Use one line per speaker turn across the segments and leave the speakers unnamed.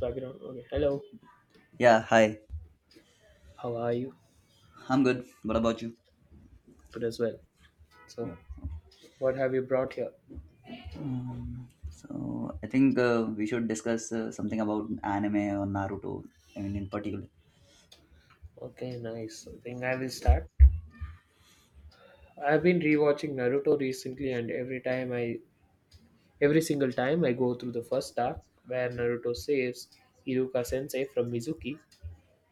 Background. Okay, hello.
Yeah, hi.
How are you?
I'm good. What about you?
Good as well. So,
Yeah.
what have you brought here?
So I think we should discuss something about anime or Naruto. I mean, in particular.
Okay, nice. I think I will start. I've been rewatching Naruto recently, and every single time I go through the first arc where Naruto saves Iruka Sensei from Mizuki,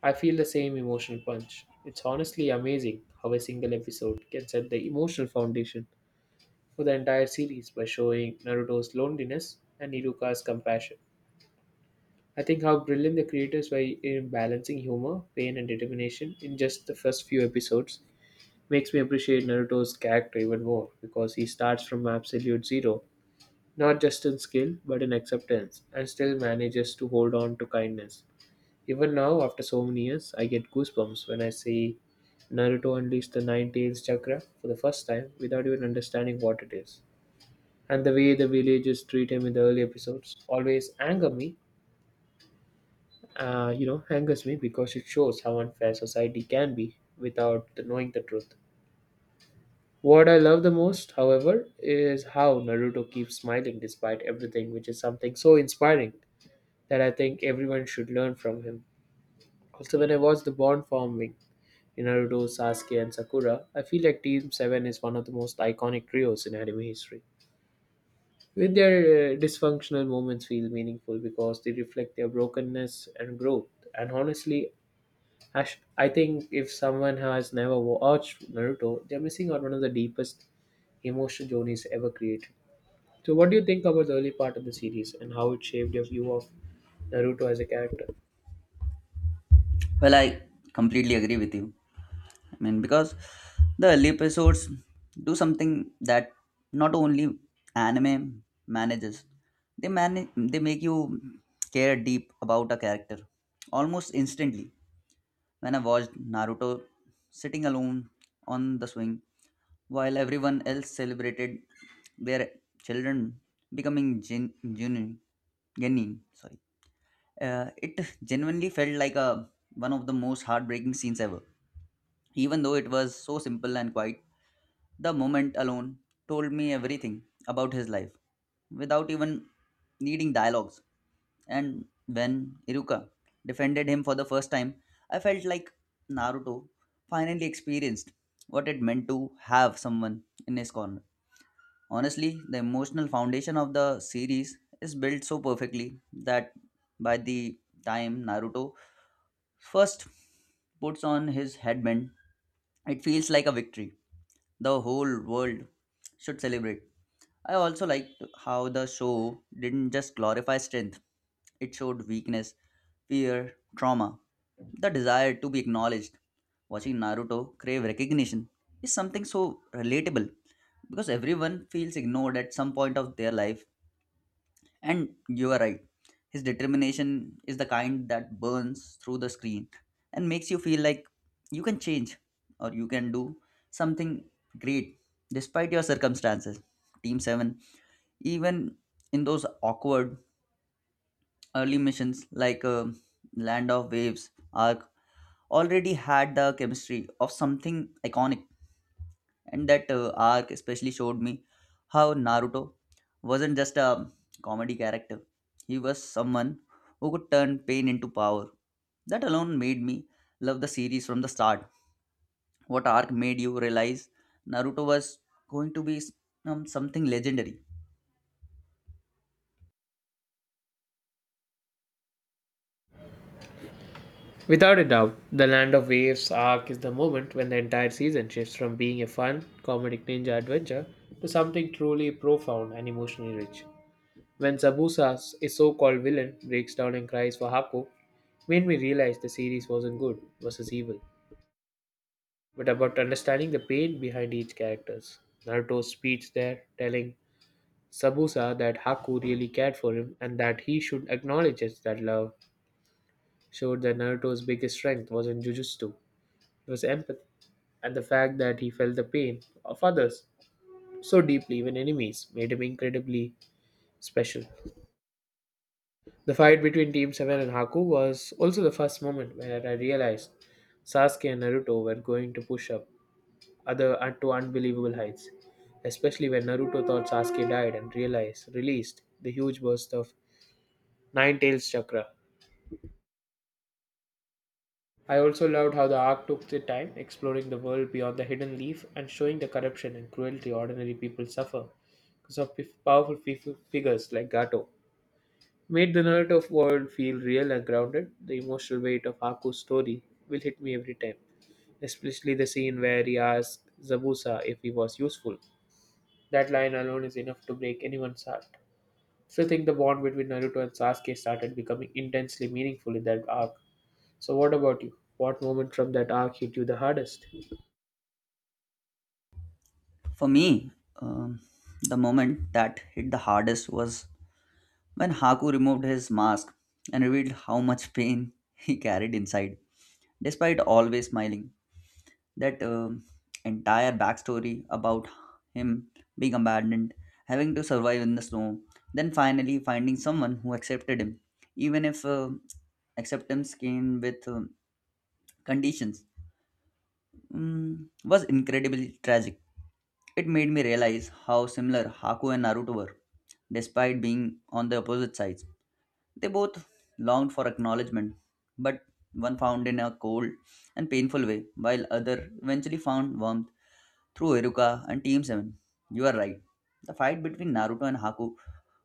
I feel the same emotional punch. It's honestly amazing how a single episode can set the emotional foundation for the entire series by showing Naruto's loneliness and Iruka's compassion. I think how brilliant the creators were in balancing humor, pain, and determination in just the first few episodes makes me appreciate Naruto's character even more because he starts from absolute zero, not just in skill but in acceptance, and still manages to hold on to kindness. Even now, after so many years, I get goosebumps when I see Naruto unleash the Nine Tails chakra for the first time without even understanding what it is. And the way the villagers treat him in the early episodes always anger me you know, angers me because it shows how unfair society can be without the knowing the truth. What I love the most, however, is how Naruto keeps smiling despite everything, which is something so inspiring that I think everyone should learn from him. Also, when I watch the bond forming in Naruto, Sasuke, and Sakura, I feel like Team 7 is one of the most iconic trios in anime history. With their dysfunctional moments feel meaningful because they reflect their brokenness and growth. And honestly, Ash, I think if someone has never watched Naruto, they're missing out one of the deepest emotional journeys ever created. So, what do you think about the early part of the series and how it shaped your view of Naruto as a character?
Well, I completely agree with you. I mean, because the early episodes do something that not only anime manages, they make you care deep about a character almost instantly. When I watched Naruto sitting alone on the swing while everyone else celebrated their children becoming genuine, sorry, it genuinely felt like a one of the most heartbreaking scenes ever, even though it was so simple and quiet. The moment alone told me everything about his life without even needing dialogues. And when Iruka defended him for the first time, I felt like Naruto finally experienced what it meant to have someone in his corner. Honestly, the emotional foundation of the series is built so perfectly that by the time Naruto first puts on his headband, it feels like a victory. The whole world should celebrate. I also liked how the show didn't just glorify strength, it showed weakness, fear, trauma, the desire to be acknowledged. Watching Naruto crave recognition is something so relatable because everyone feels ignored at some point of their life. And you are right, his determination is the kind that burns through the screen and makes you feel like you can change or you can do something great despite your circumstances. Team 7, even in those awkward early missions like Land of Waves arc, already had the chemistry of something iconic. And that arc especially showed me how Naruto wasn't just a comedy character. He was someone who could turn pain into power. That alone made me love the series from the start. What arc made you realize Naruto was going to be something legendary?
Without a doubt, the Land of Waves arc is the moment when the entire season shifts from being a fun, comedic ninja adventure to something truly profound and emotionally rich. When Zabuza, a so called villain, breaks down and cries for Haku, made me realize the series wasn't good versus evil, but about understanding the pain behind each characters. Naruto's speech there telling Sabusa that Haku really cared for him and that he should acknowledge it, that love showed that Naruto's biggest strength wasn't jujutsu, it was empathy and the fact that he felt the pain of others so deeply, even enemies, made him incredibly special. The fight between Team 7 and Haku was also the first moment where I realized Sasuke and Naruto were going to push up other to unbelievable heights, especially when Naruto thought Sasuke died and realized released the huge burst of Nine Tails Chakra. I also loved how the arc took the time exploring the world beyond the hidden leaf and showing the corruption and cruelty ordinary people suffer because of figures like Gato. Made the Naruto world feel real and grounded, the emotional weight of Haku's story will hit me every time, especially the scene where he asked Zabuza if he was useful. That line alone is enough to break anyone's heart. Still think the bond between Naruto and Sasuke started becoming intensely meaningful in that arc. So what about you? What moment from that arc hit you the hardest?
For me, um, the moment that hit the hardest was when Haku removed his mask and revealed how much pain he carried inside despite always smiling. That entire backstory about him being abandoned, having to survive in the snow, then finally finding someone who accepted him, even if acceptance came with conditions, was incredibly tragic. It made me realize how similar Haku and Naruto were, despite being on the opposite sides. They both longed for acknowledgement, but one found in a cold and painful way, while other eventually found warmth through Eruka and Team 7. You are right. The fight between Naruto and Haku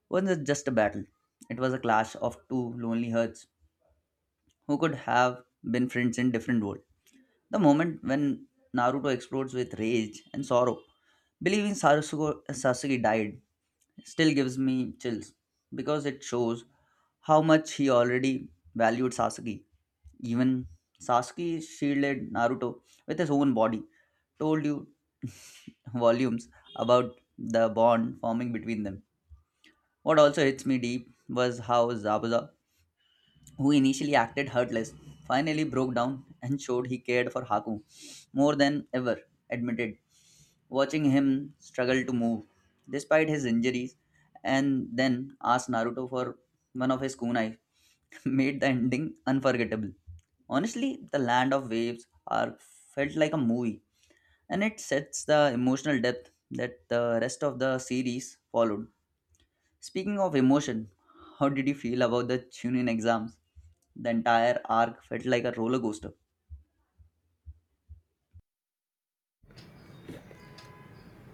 wasn't just a battle. It was a clash of two lonely hearts who could have been friends in different worlds. The moment when Naruto explodes with rage and sorrow, believing Sasuke died, still gives me chills because it shows how much he already valued Sasuke. Even Sasuke shielded Naruto with his own body, told you volumes about the bond forming between them. What also hits me deep was how Zabuza, who initially acted hurtless, finally broke down and showed he cared for Haku more than ever, admitted, watching him struggle to move despite his injuries, and then asked Naruto for one of his kunai made the ending unforgettable. Honestly, the Land of Waves arc felt like a movie, and it sets the emotional depth that the rest of the series followed. Speaking of emotion, how did you feel about the Chunin exams? The entire arc felt like a roller coaster.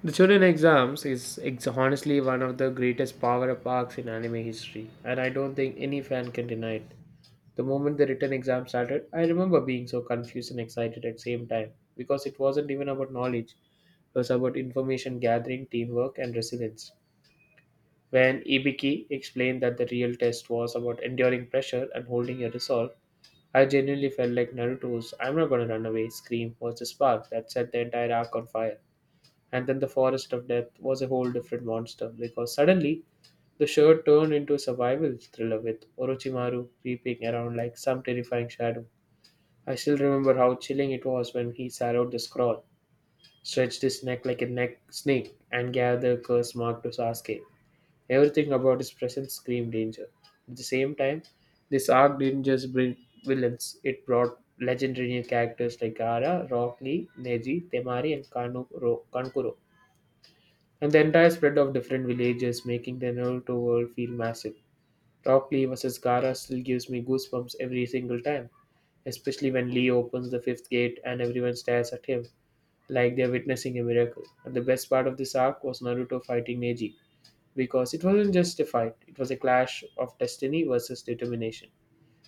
The Chunin exams is ex- honestly one of the greatest power-up arcs in anime history, and I don't think any fan can deny it. The moment the written exam started, I remember being so confused and excited at the same time because it wasn't even about knowledge, it was about information gathering, teamwork, and resilience. When Ibiki explained that the real test was about enduring pressure and holding your resolve, I genuinely felt like Naruto's "I'm not gonna run away" scream was the spark that set the entire arc on fire. And then the forest of death was a whole different monster because suddenly the show turned into a survival thriller with Orochimaru creeping around like some terrifying shadow. I still remember how chilling it was when he swallowed the scroll, stretched his neck like a neck snake, and gathered the curse mark to Sasuke. Everything about his presence screamed danger. At the same time, this arc didn't just bring villains, it brought legendary new characters like Gara, Rock Lee, Neji, Temari, and Kankuro. And the entire spread of different villages, making the Naruto world feel massive. Rock Lee versus Gara still gives me goosebumps every single time, especially when Lee opens the fifth gate and everyone stares at him like they're witnessing a miracle. And the best part of this arc was Naruto fighting Neji because it wasn't just a fight, it was a clash of destiny versus determination.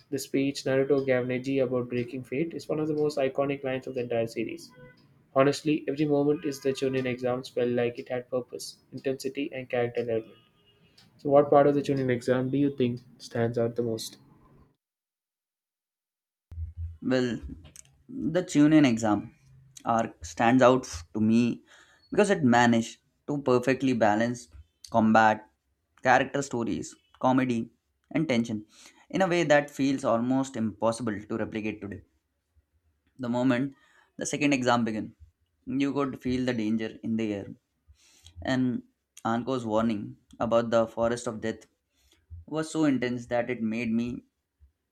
The speech Naruto gave Neji about breaking fate is one of the most iconic lines of the entire series. Honestly, every moment is the Chunin exams felt like it had purpose, intensity, and character development. So, what part of the Chunin exam do you think stands out the most?
Well, the Chunin exam arc stands to me because it managed to perfectly balance combat, character stories, comedy, and tension in a way that feels almost impossible to replicate today. The moment the second exam began, you could feel the danger in the air, and Anko's warning about the forest of death was so intense that it made me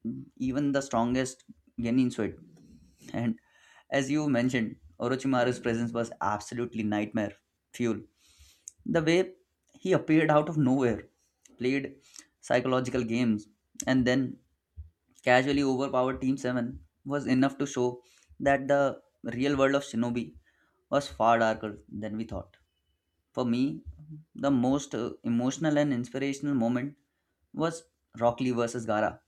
even the strongest genin sweat. And as you mentioned, Orochimaru's presence was absolutely nightmare fuel. The way he appeared out of nowhere, played psychological games, and then casually overpowered Team 7 was enough to show that the real world of Shinobi was far darker than we thought. For me, the most emotional and inspirational moment was Rock Lee versus Gara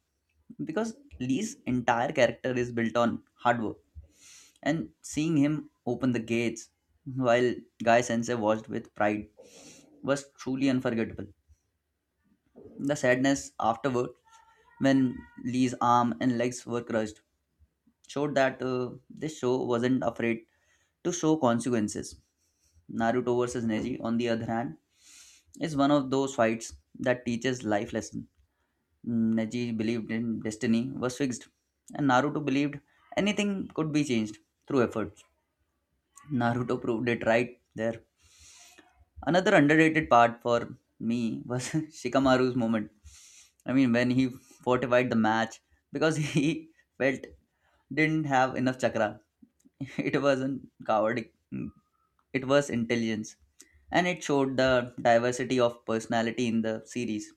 because Lee's entire character is built on hard work, and seeing him open the gates while Guy Sensei watched with pride was truly unforgettable. The sadness afterward, when Lee's arm and legs were crushed, showed that this show wasn't afraid to show consequences. Naruto vs. Neji, on the other hand, is one of those fights that teaches life lessons. Neji believed in destiny was fixed, and Naruto believed anything could be changed through efforts. Naruto proved it right there. Another underrated part for me was Shikamaru's moment. I mean, when he fortified the match because he felt didn't have enough chakra. It wasn't coward, it was intelligence, and it showed the diversity of personality in the series.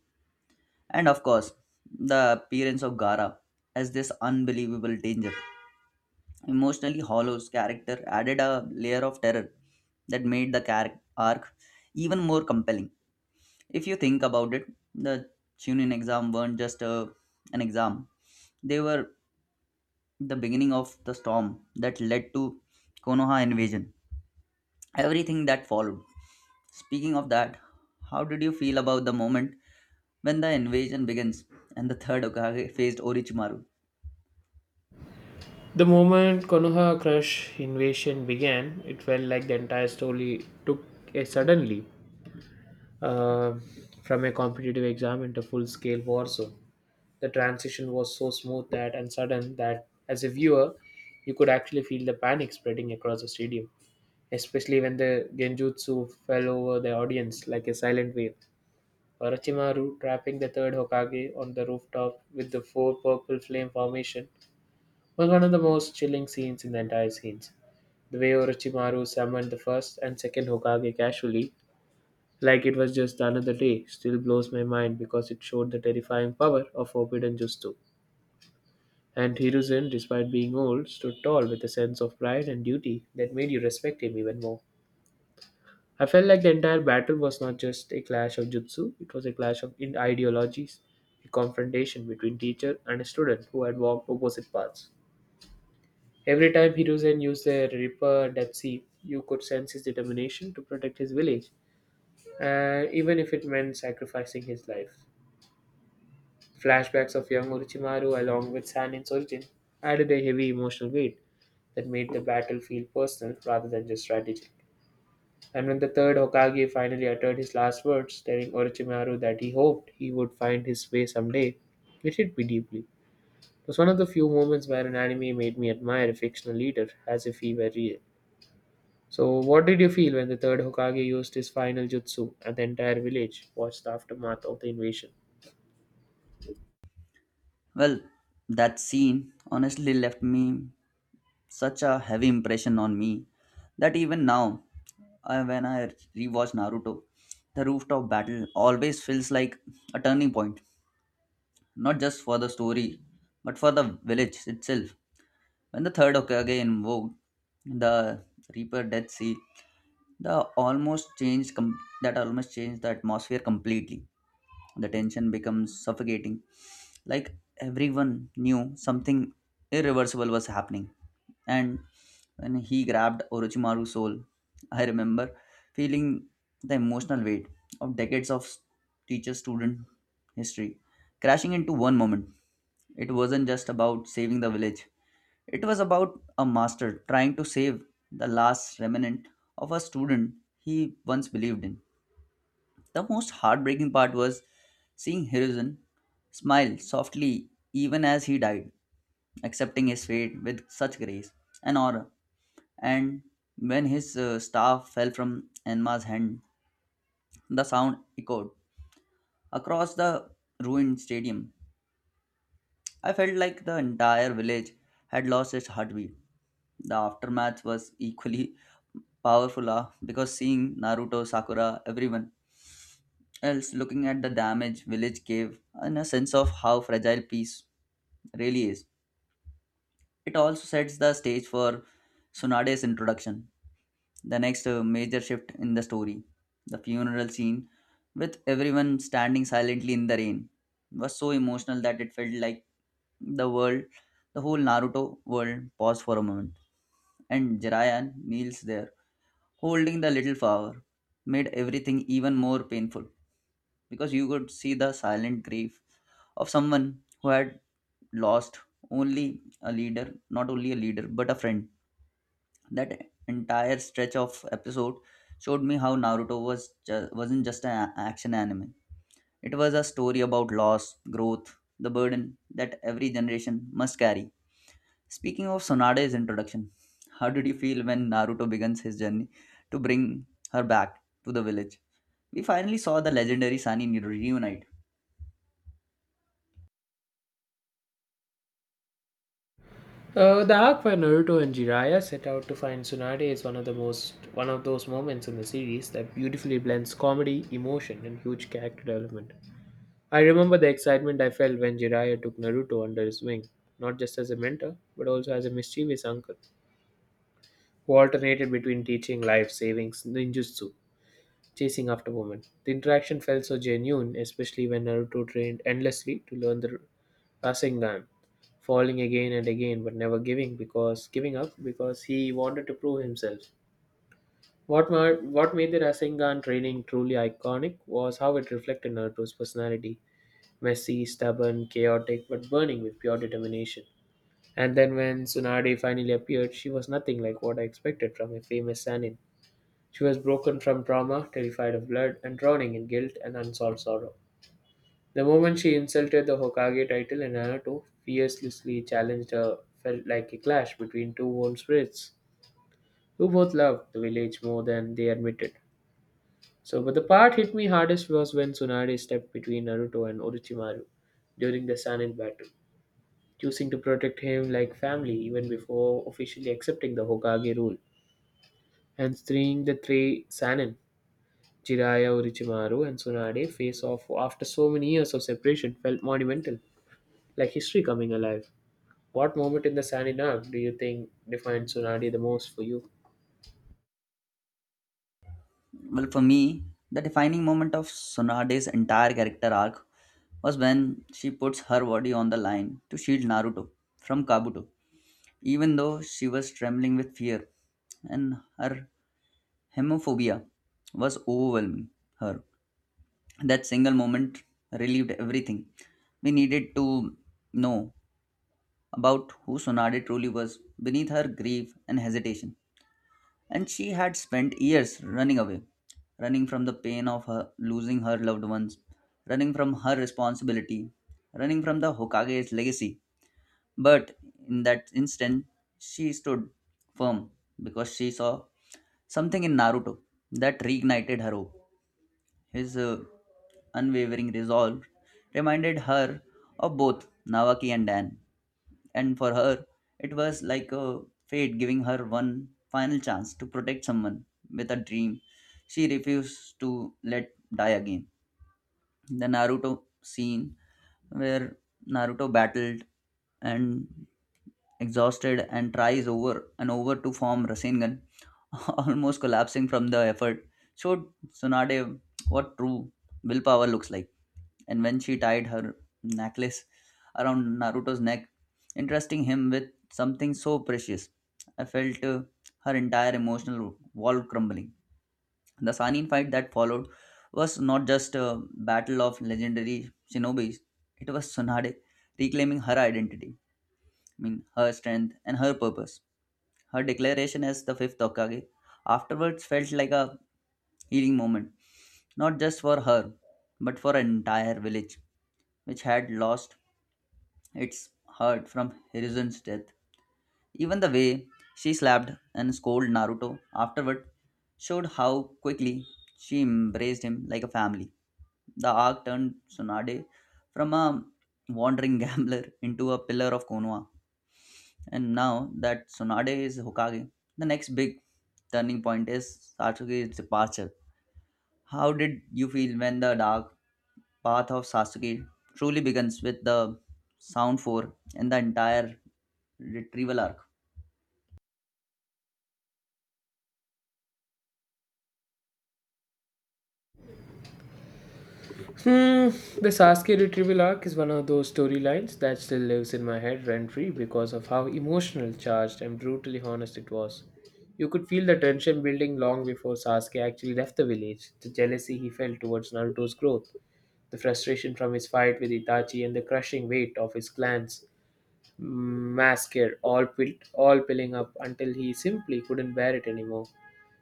And of course, the appearance of Gara as this unbelievable danger emotionally hollows character added a layer of terror that made the arc even more compelling. If you think about it, the Chunin exam weren't just an exam, they were the beginning of the storm that led to Konoha invasion. Everything that followed. Speaking of that, how did you feel about the moment when the invasion begins and the third Okage faced Orochimaru?
The moment Konoha Crush invasion began, it felt like the entire story took a sudden leap uh, from a competitive exam into full scale war zone. The transition was so smooth that and sudden that as a viewer, you could actually feel the panic spreading across the stadium, especially when the genjutsu fell over the audience like a silent wave. Orochimaru trapping the third Hokage on the rooftop with the four purple flame formation was one of the most chilling scenes in the entire scenes. The way Orochimaru summoned the first and second Hokage casually, like it was just another day, still blows my mind because it showed the terrifying power of Forbidden Jutsu. And Hiruzen, despite being old, stood tall with a sense of pride and duty that made you respect him even more. I felt like the entire battle was not just a clash of jutsu, it was a clash of ideologies, a confrontation between teacher and a student who had walked opposite paths. Every time Hiruzen used the Ripper Depsi, you could sense his determination to protect his village, even if it meant sacrificing his life. Flashbacks of young Orochimaru, along with Sannin's origin, added a heavy emotional weight that made the battle feel personal rather than just strategic. And when the third Hokage finally uttered his last words, telling Orochimaru that he hoped he would find his way someday, it hit me deeply. It was one of the few moments where an anime made me admire a fictional leader as if he were real. So, what did you feel when the third Hokage used his final jutsu and the entire village watched the aftermath of the invasion?
Well, that scene honestly left me such a heavy impression on me that even now, when I rewatch Naruto, the rooftop battle always feels like a turning point, not just for the story, but for the village itself. When the third Hokage invoked the Reaper Death Seal, the almost changed com- that almost changed the atmosphere completely. The tension becomes suffocating, like everyone knew something irreversible was happening. And when he grabbed Orochimaru's soul, I remember feeling the emotional weight of decades of teacher student history crashing into one moment. It wasn't just about saving the village, it was about a master trying to save the last remnant of a student he once believed in. The most heartbreaking part was seeing Hiruzen smile softly even as he died, accepting his fate with such grace and honor. And when his staff fell from Enma's hand, the sound echoed across the ruined stadium. I felt like the entire village had lost its heartbeat. The aftermath was equally powerful because seeing Naruto, Sakura, everyone else looking at the damage village gave and a sense of how fragile peace really is. It also sets the stage for Sunade's introduction, the next major shift in the story. The funeral scene, with everyone standing silently in the rain, was so emotional that it felt like the world, the whole Naruto world, paused for a moment. And Jiraiya kneels there, holding the little flower, made everything even more painful because you could see the silent grief of someone who had lost not only a leader, but a friend. That entire stretch of episode showed me how Naruto was wasn't just an action anime. It was a story about loss, growth, the burden that every generation must carry. Speaking of Sonade's introduction, how did you feel when Naruto begins his journey to bring her back to the village? We finally saw the legendary Sunny reunite.
The arc where Naruto and Jiraiya set out to find Tsunade is one of those moments in the series that beautifully blends comedy, emotion, and huge character development. I remember the excitement I felt when Jiraiya took Naruto under his wing, not just as a mentor, but also as a mischievous uncle who alternated between teaching life savings, ninjutsu, chasing after women. The interaction felt so genuine, especially when Naruto trained endlessly to learn the passing on, falling again and again, but never giving because giving up because he wanted to prove himself. What made the Rasengan training truly iconic was how it reflected Naruto's personality: messy, stubborn, chaotic, but burning with pure determination. And then when Tsunade finally appeared, she was nothing like what I expected from a famous Sanin. She was broken from trauma, terrified of blood, and drowning in guilt and unsolved sorrow. The moment she insulted the Hokage title and Naruto fiercely challenged her felt like a clash between two worn spirits who both loved the village more than they admitted. So, but the part hit me hardest was when Tsunade stepped between Naruto and Orochimaru during the Sanin battle, choosing to protect him like family even before officially accepting the Hokage rule, and seeing the three Sanin, Jiraiya, Orochimaru, and Tsunade face off after so many years of separation felt monumental, like history coming alive. What moment in the Sanin arc do you think defined Tsunade the most for you?
Well, for me, the defining moment of Sonade's entire character arc was when she puts her body on the line to shield Naruto from Kabuto, even though she was trembling with fear and her hemophobia was overwhelming her. That single moment relieved everything. We needed to know about who Sonade truly was beneath her grief and hesitation. And she had spent years running away, running from the pain of her losing her loved ones, running from her responsibility, running from the Hokage's legacy. But in that instant, she stood firm because she saw something in Naruto that reignited her hope. His unwavering resolve reminded her of both Nawaki and Dan, and for her, it was like a fate giving her one final chance to protect someone with a dream she refused to let die again. The Naruto scene where Naruto battled and exhausted and tries over and over to form Rasengan, almost collapsing from the effort, showed Tsunade what true willpower looks like. And when she tied her necklace around Naruto's neck, entrusting him with something so precious, I felt her entire emotional wall crumbling. The Sanin fight that followed was not just a battle of legendary shinobis, it was Tsunade reclaiming her identity, I mean, her strength and her purpose. Her declaration as the fifth Hokage afterwards felt like a healing moment, not just for her, but for an entire village, which had lost its heart from Hiruzen's death. Even the way she slapped and scolded Naruto afterward showed how quickly she embraced him like a family. The arc turned Tsunade from a wandering gambler into a pillar of Konoha. And now that Tsunade is Hokage, the next big turning point is Sasuke's departure. How did you feel when the dark path of Sasuke truly begins with the Sound 4 and the entire retrieval arc?
Hmm, the Sasuke retrieval arc is one of those storylines that still lives in my head rent free because of how emotional, charged, and brutally honest it was. You could feel the tension building long before Sasuke actually left the village, the jealousy he felt towards Naruto's growth, the frustration from his fight with Itachi, and the crushing weight of his clan's massacre all piling up until he simply couldn't bear it anymore.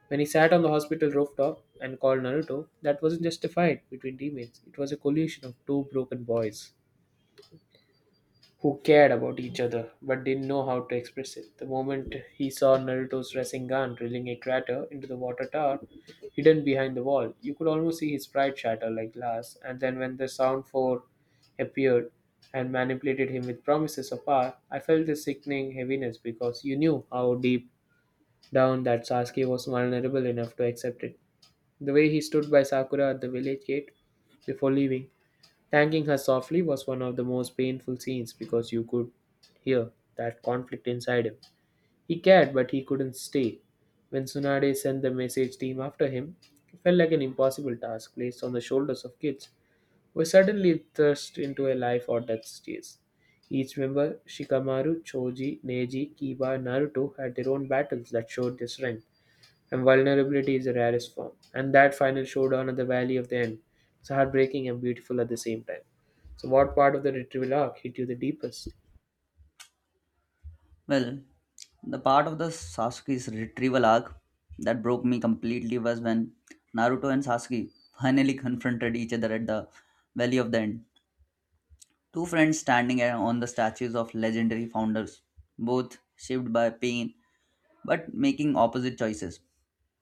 When he sat on the hospital rooftop and called Naruto, that wasn't just a fight between teammates. It was a collision of two broken boys who cared about each other but didn't know how to express it. The moment he saw Naruto's Rasengan drilling a crater into the water tower hidden behind the wall, you could almost see his pride shatter like glass. And then when the Sound 4 appeared and manipulated him with promises of power, I felt a sickening heaviness because you knew how deep down that Sasuke was vulnerable enough to accept it. The way he stood by Sakura at the village gate before leaving, thanking her softly, was one of the most painful scenes because you could hear that conflict inside him. He cared, but he couldn't stay. When Tsunade sent the message team after him, it felt like an impossible task placed on the shoulders of kids who were suddenly thrust into a life or death chase. Each member, Shikamaru, Choji, Neji, Kiba, and Naruto, had their own battles that showed their strength and vulnerability is the rarest form. And that final showdown at the Valley of the End is heartbreaking and beautiful at the same time. So, what part of the retrieval arc hit you the deepest?
Well, the part of the Sasuke's retrieval arc that broke me completely was when Naruto and Sasuke finally confronted each other at the Valley of the End. Two friends standing on the statues of legendary founders, both shaped by pain but making opposite choices.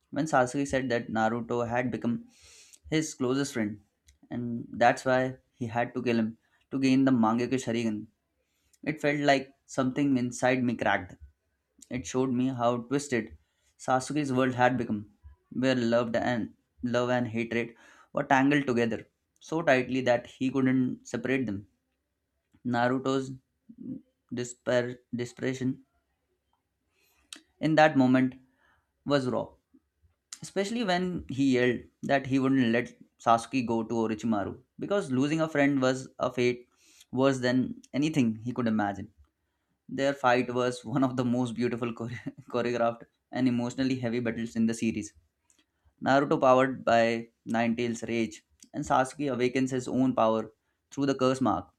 When Sasuke said that Naruto had become his closest friend, and that's why he had to kill him to gain the Mangekyo Sharingan, it felt like something inside me cracked. It showed me how twisted Sasuke's world had become, where love and hatred were tangled together so tightly that he couldn't separate them. Naruto's despair, desperation in that moment was raw, especially when he yelled that he wouldn't let Sasuke go to Orochimaru because losing a friend was a fate worse than anything he could imagine. Their fight was one of the most choreographed and emotionally heavy battles in the series. Naruto powered by Ninetales' rage, and Sasuke awakens his own power through the curse mark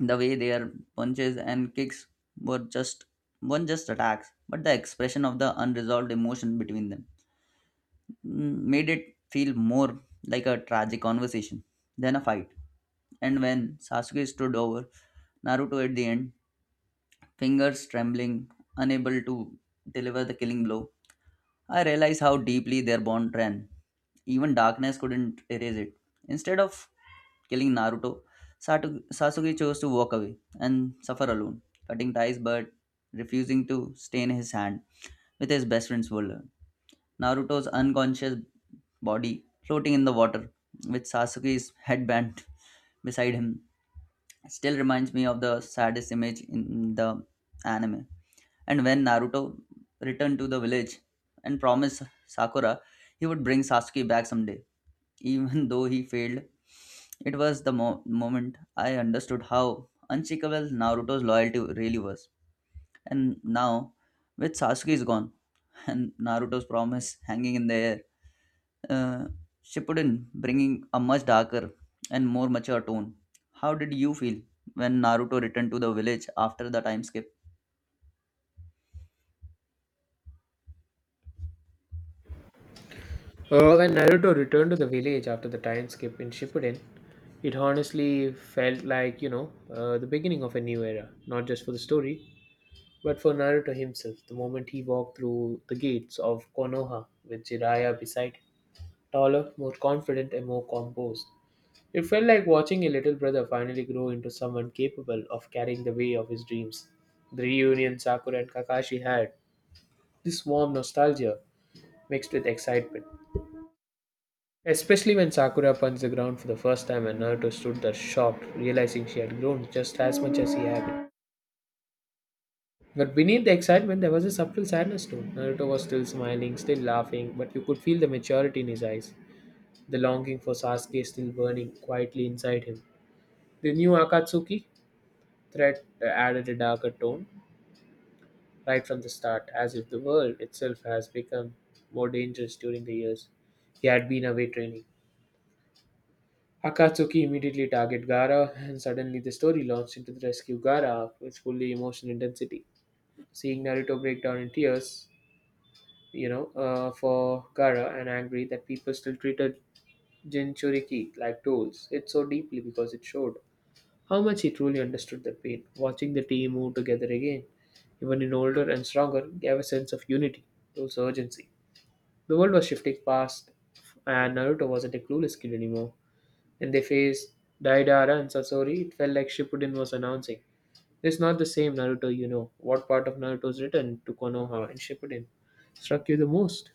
the way their punches and kicks were just one just attacks but the expression of the unresolved emotion between them made it feel more like a tragic conversation than a fight. And when Sasuke stood over Naruto at the end, fingers trembling, unable to deliver the killing blow, I realized how deeply their bond ran. Even darkness couldn't erase it. Instead of killing Naruto, Sasuke chose to walk away and suffer alone, cutting ties but refusing to stain his hand with his best friend's blood. Naruto's unconscious body floating in the water, with Sasuke's headband beside him, still reminds me of the saddest image in the anime. And when Naruto returned to the village and promised Sakura he would bring Sasuke back someday, even though he failed. It was the moment I understood how unshakable Naruto's loyalty really was. And now, with Sasuke is gone and Naruto's promise hanging in the air, uh, Shippuden bringing a much darker and more mature tone. How did you feel when Naruto returned to the village after the time skip?
When Naruto returned to the village after the time skip in Shippuden, it honestly felt like, the beginning of a new era, not just for the story, but for Naruto himself. The moment he walked through the gates of Konoha with Jiraiya beside him, taller, more confident, and more composed. It felt like watching a little brother finally grow into someone capable of carrying the weight of his dreams. The reunion Sakura and Kakashi had, this warm nostalgia mixed with excitement. Especially when Sakura punched the ground for the first time and Naruto stood there shocked, realizing she had grown just as much as he had. But beneath the excitement, there was a subtle sadness too. Naruto was still smiling, still laughing, but you could feel the maturity in his eyes, the longing for Sasuke still burning quietly inside him. The new Akatsuki threat added a darker tone right from the start, as if the world itself has become more dangerous during the years he had been away training. Akatsuki immediately targeted Gara, and suddenly the story launched into the rescue Gara with fully emotional intensity. Seeing Naruto break down in tears, for Gara and angry that people still treated Jinchuriki like tools, it so deeply because it showed how much he truly understood the pain. Watching the team move together again, even in older and stronger, gave a sense of unity, also urgency. The world was shifting fast, and Naruto wasn't a clueless kid anymore. When they faced Daidara and Sasori, it felt like Shippuden was announcing. It's not the same Naruto you know. What part of Naruto's written to Konoha and Shippuden struck you the most?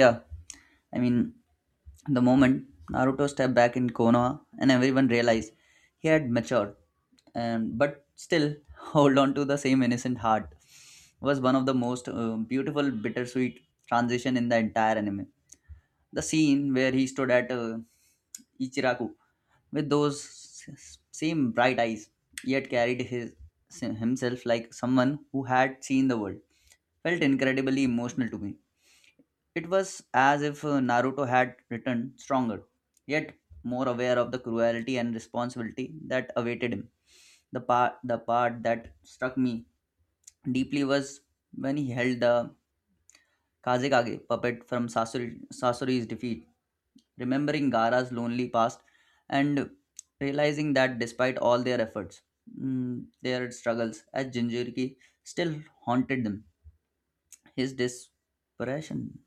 Yeah, I mean, the moment Naruto stepped back in Konoha and everyone realized he had matured and but still hold on to the same innocent heart was one of the most beautiful bittersweet transition in the entire anime. The scene where he stood at Ichiraku with those same bright eyes, yet carried his himself like someone who had seen the world. Felt incredibly emotional to me. It was as if Naruto had returned stronger, yet more aware of the cruelty and responsibility that awaited him. The part that struck me deeply was when he held the Kazekage puppet from Sasori, Sasori's defeat, remembering Gaara's lonely past and realizing that despite all their efforts, their struggles as Jinjuriki still haunted them. His desperation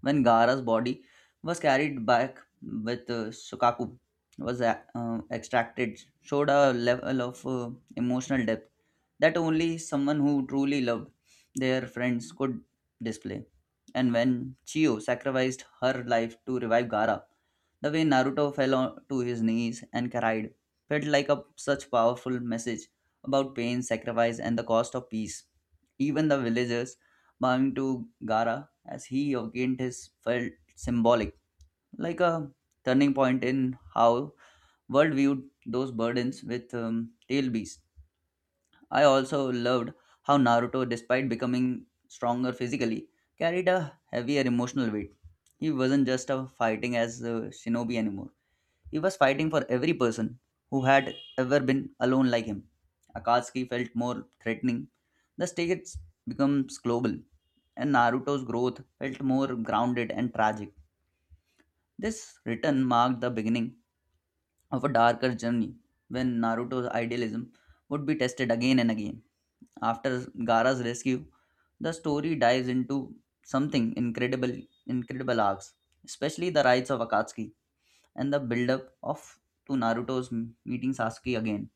when Gara's body was carried back with Sukaku was extracted showed a level of emotional depth that only someone who truly loved their friends could display. And when Chio sacrificed her life to revive Gara, the way Naruto fell on to his knees and cried felt like a such powerful message about pain, sacrifice, and the cost of peace. Even the villagers bowing to Gara as he gained his felt symbolic, like a turning point in how world viewed those burdens with tail beast. I also loved how Naruto, despite becoming stronger physically, carried a heavier emotional weight. He wasn't just a fighting as a shinobi anymore. He was fighting for every person who had ever been alone like him. Akatsuki felt more threatening. The stakes becomes global, and Naruto's growth felt more grounded and tragic. This return marked the beginning of a darker journey when Naruto's idealism would be tested again and again. After Gaara's rescue, the story dives into something incredible, incredible arcs, especially the rights of Akatsuki and the build-up of to Naruto's meeting Sasuke again.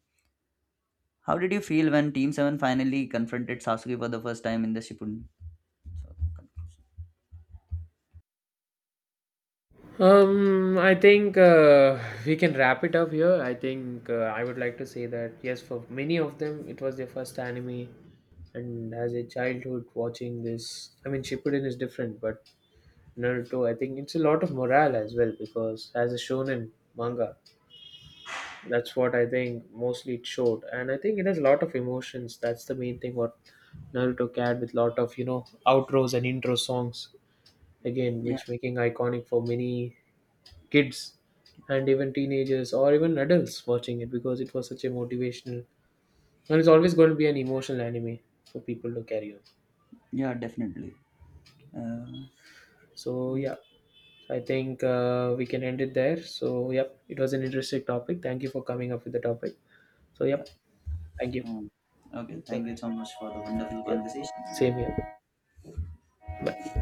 How did you feel when Team Seven finally confronted Sasuke for the first time in the Shippuden? So, conclusion.
I think we can wrap it up here. I think I would like to say that yes, for many of them, it was their first anime, and as a childhood watching this, I mean, Shippuden is different, but Naruto, I think it's a lot of morale as well because as a shonen manga, that's what I think mostly it showed, and I think it has a lot of emotions. That's the main thing what Naruto carried with lot of outros and intro songs again,
Yeah,
which making iconic for many kids and even teenagers or even adults watching it because it was such a motivational and it's always going to be an emotional anime for people to carry on.
yeah, definitely. Uh,
So yeah,
mm,
I think we can end it there. So yep, it was an interesting topic. Thank you for coming up with the topic. So
yeah.
yep, thank you.
Um, okay,
Bye
thank
bye.
you so much for the wonderful
Yep, same
conversation.
here. Bye.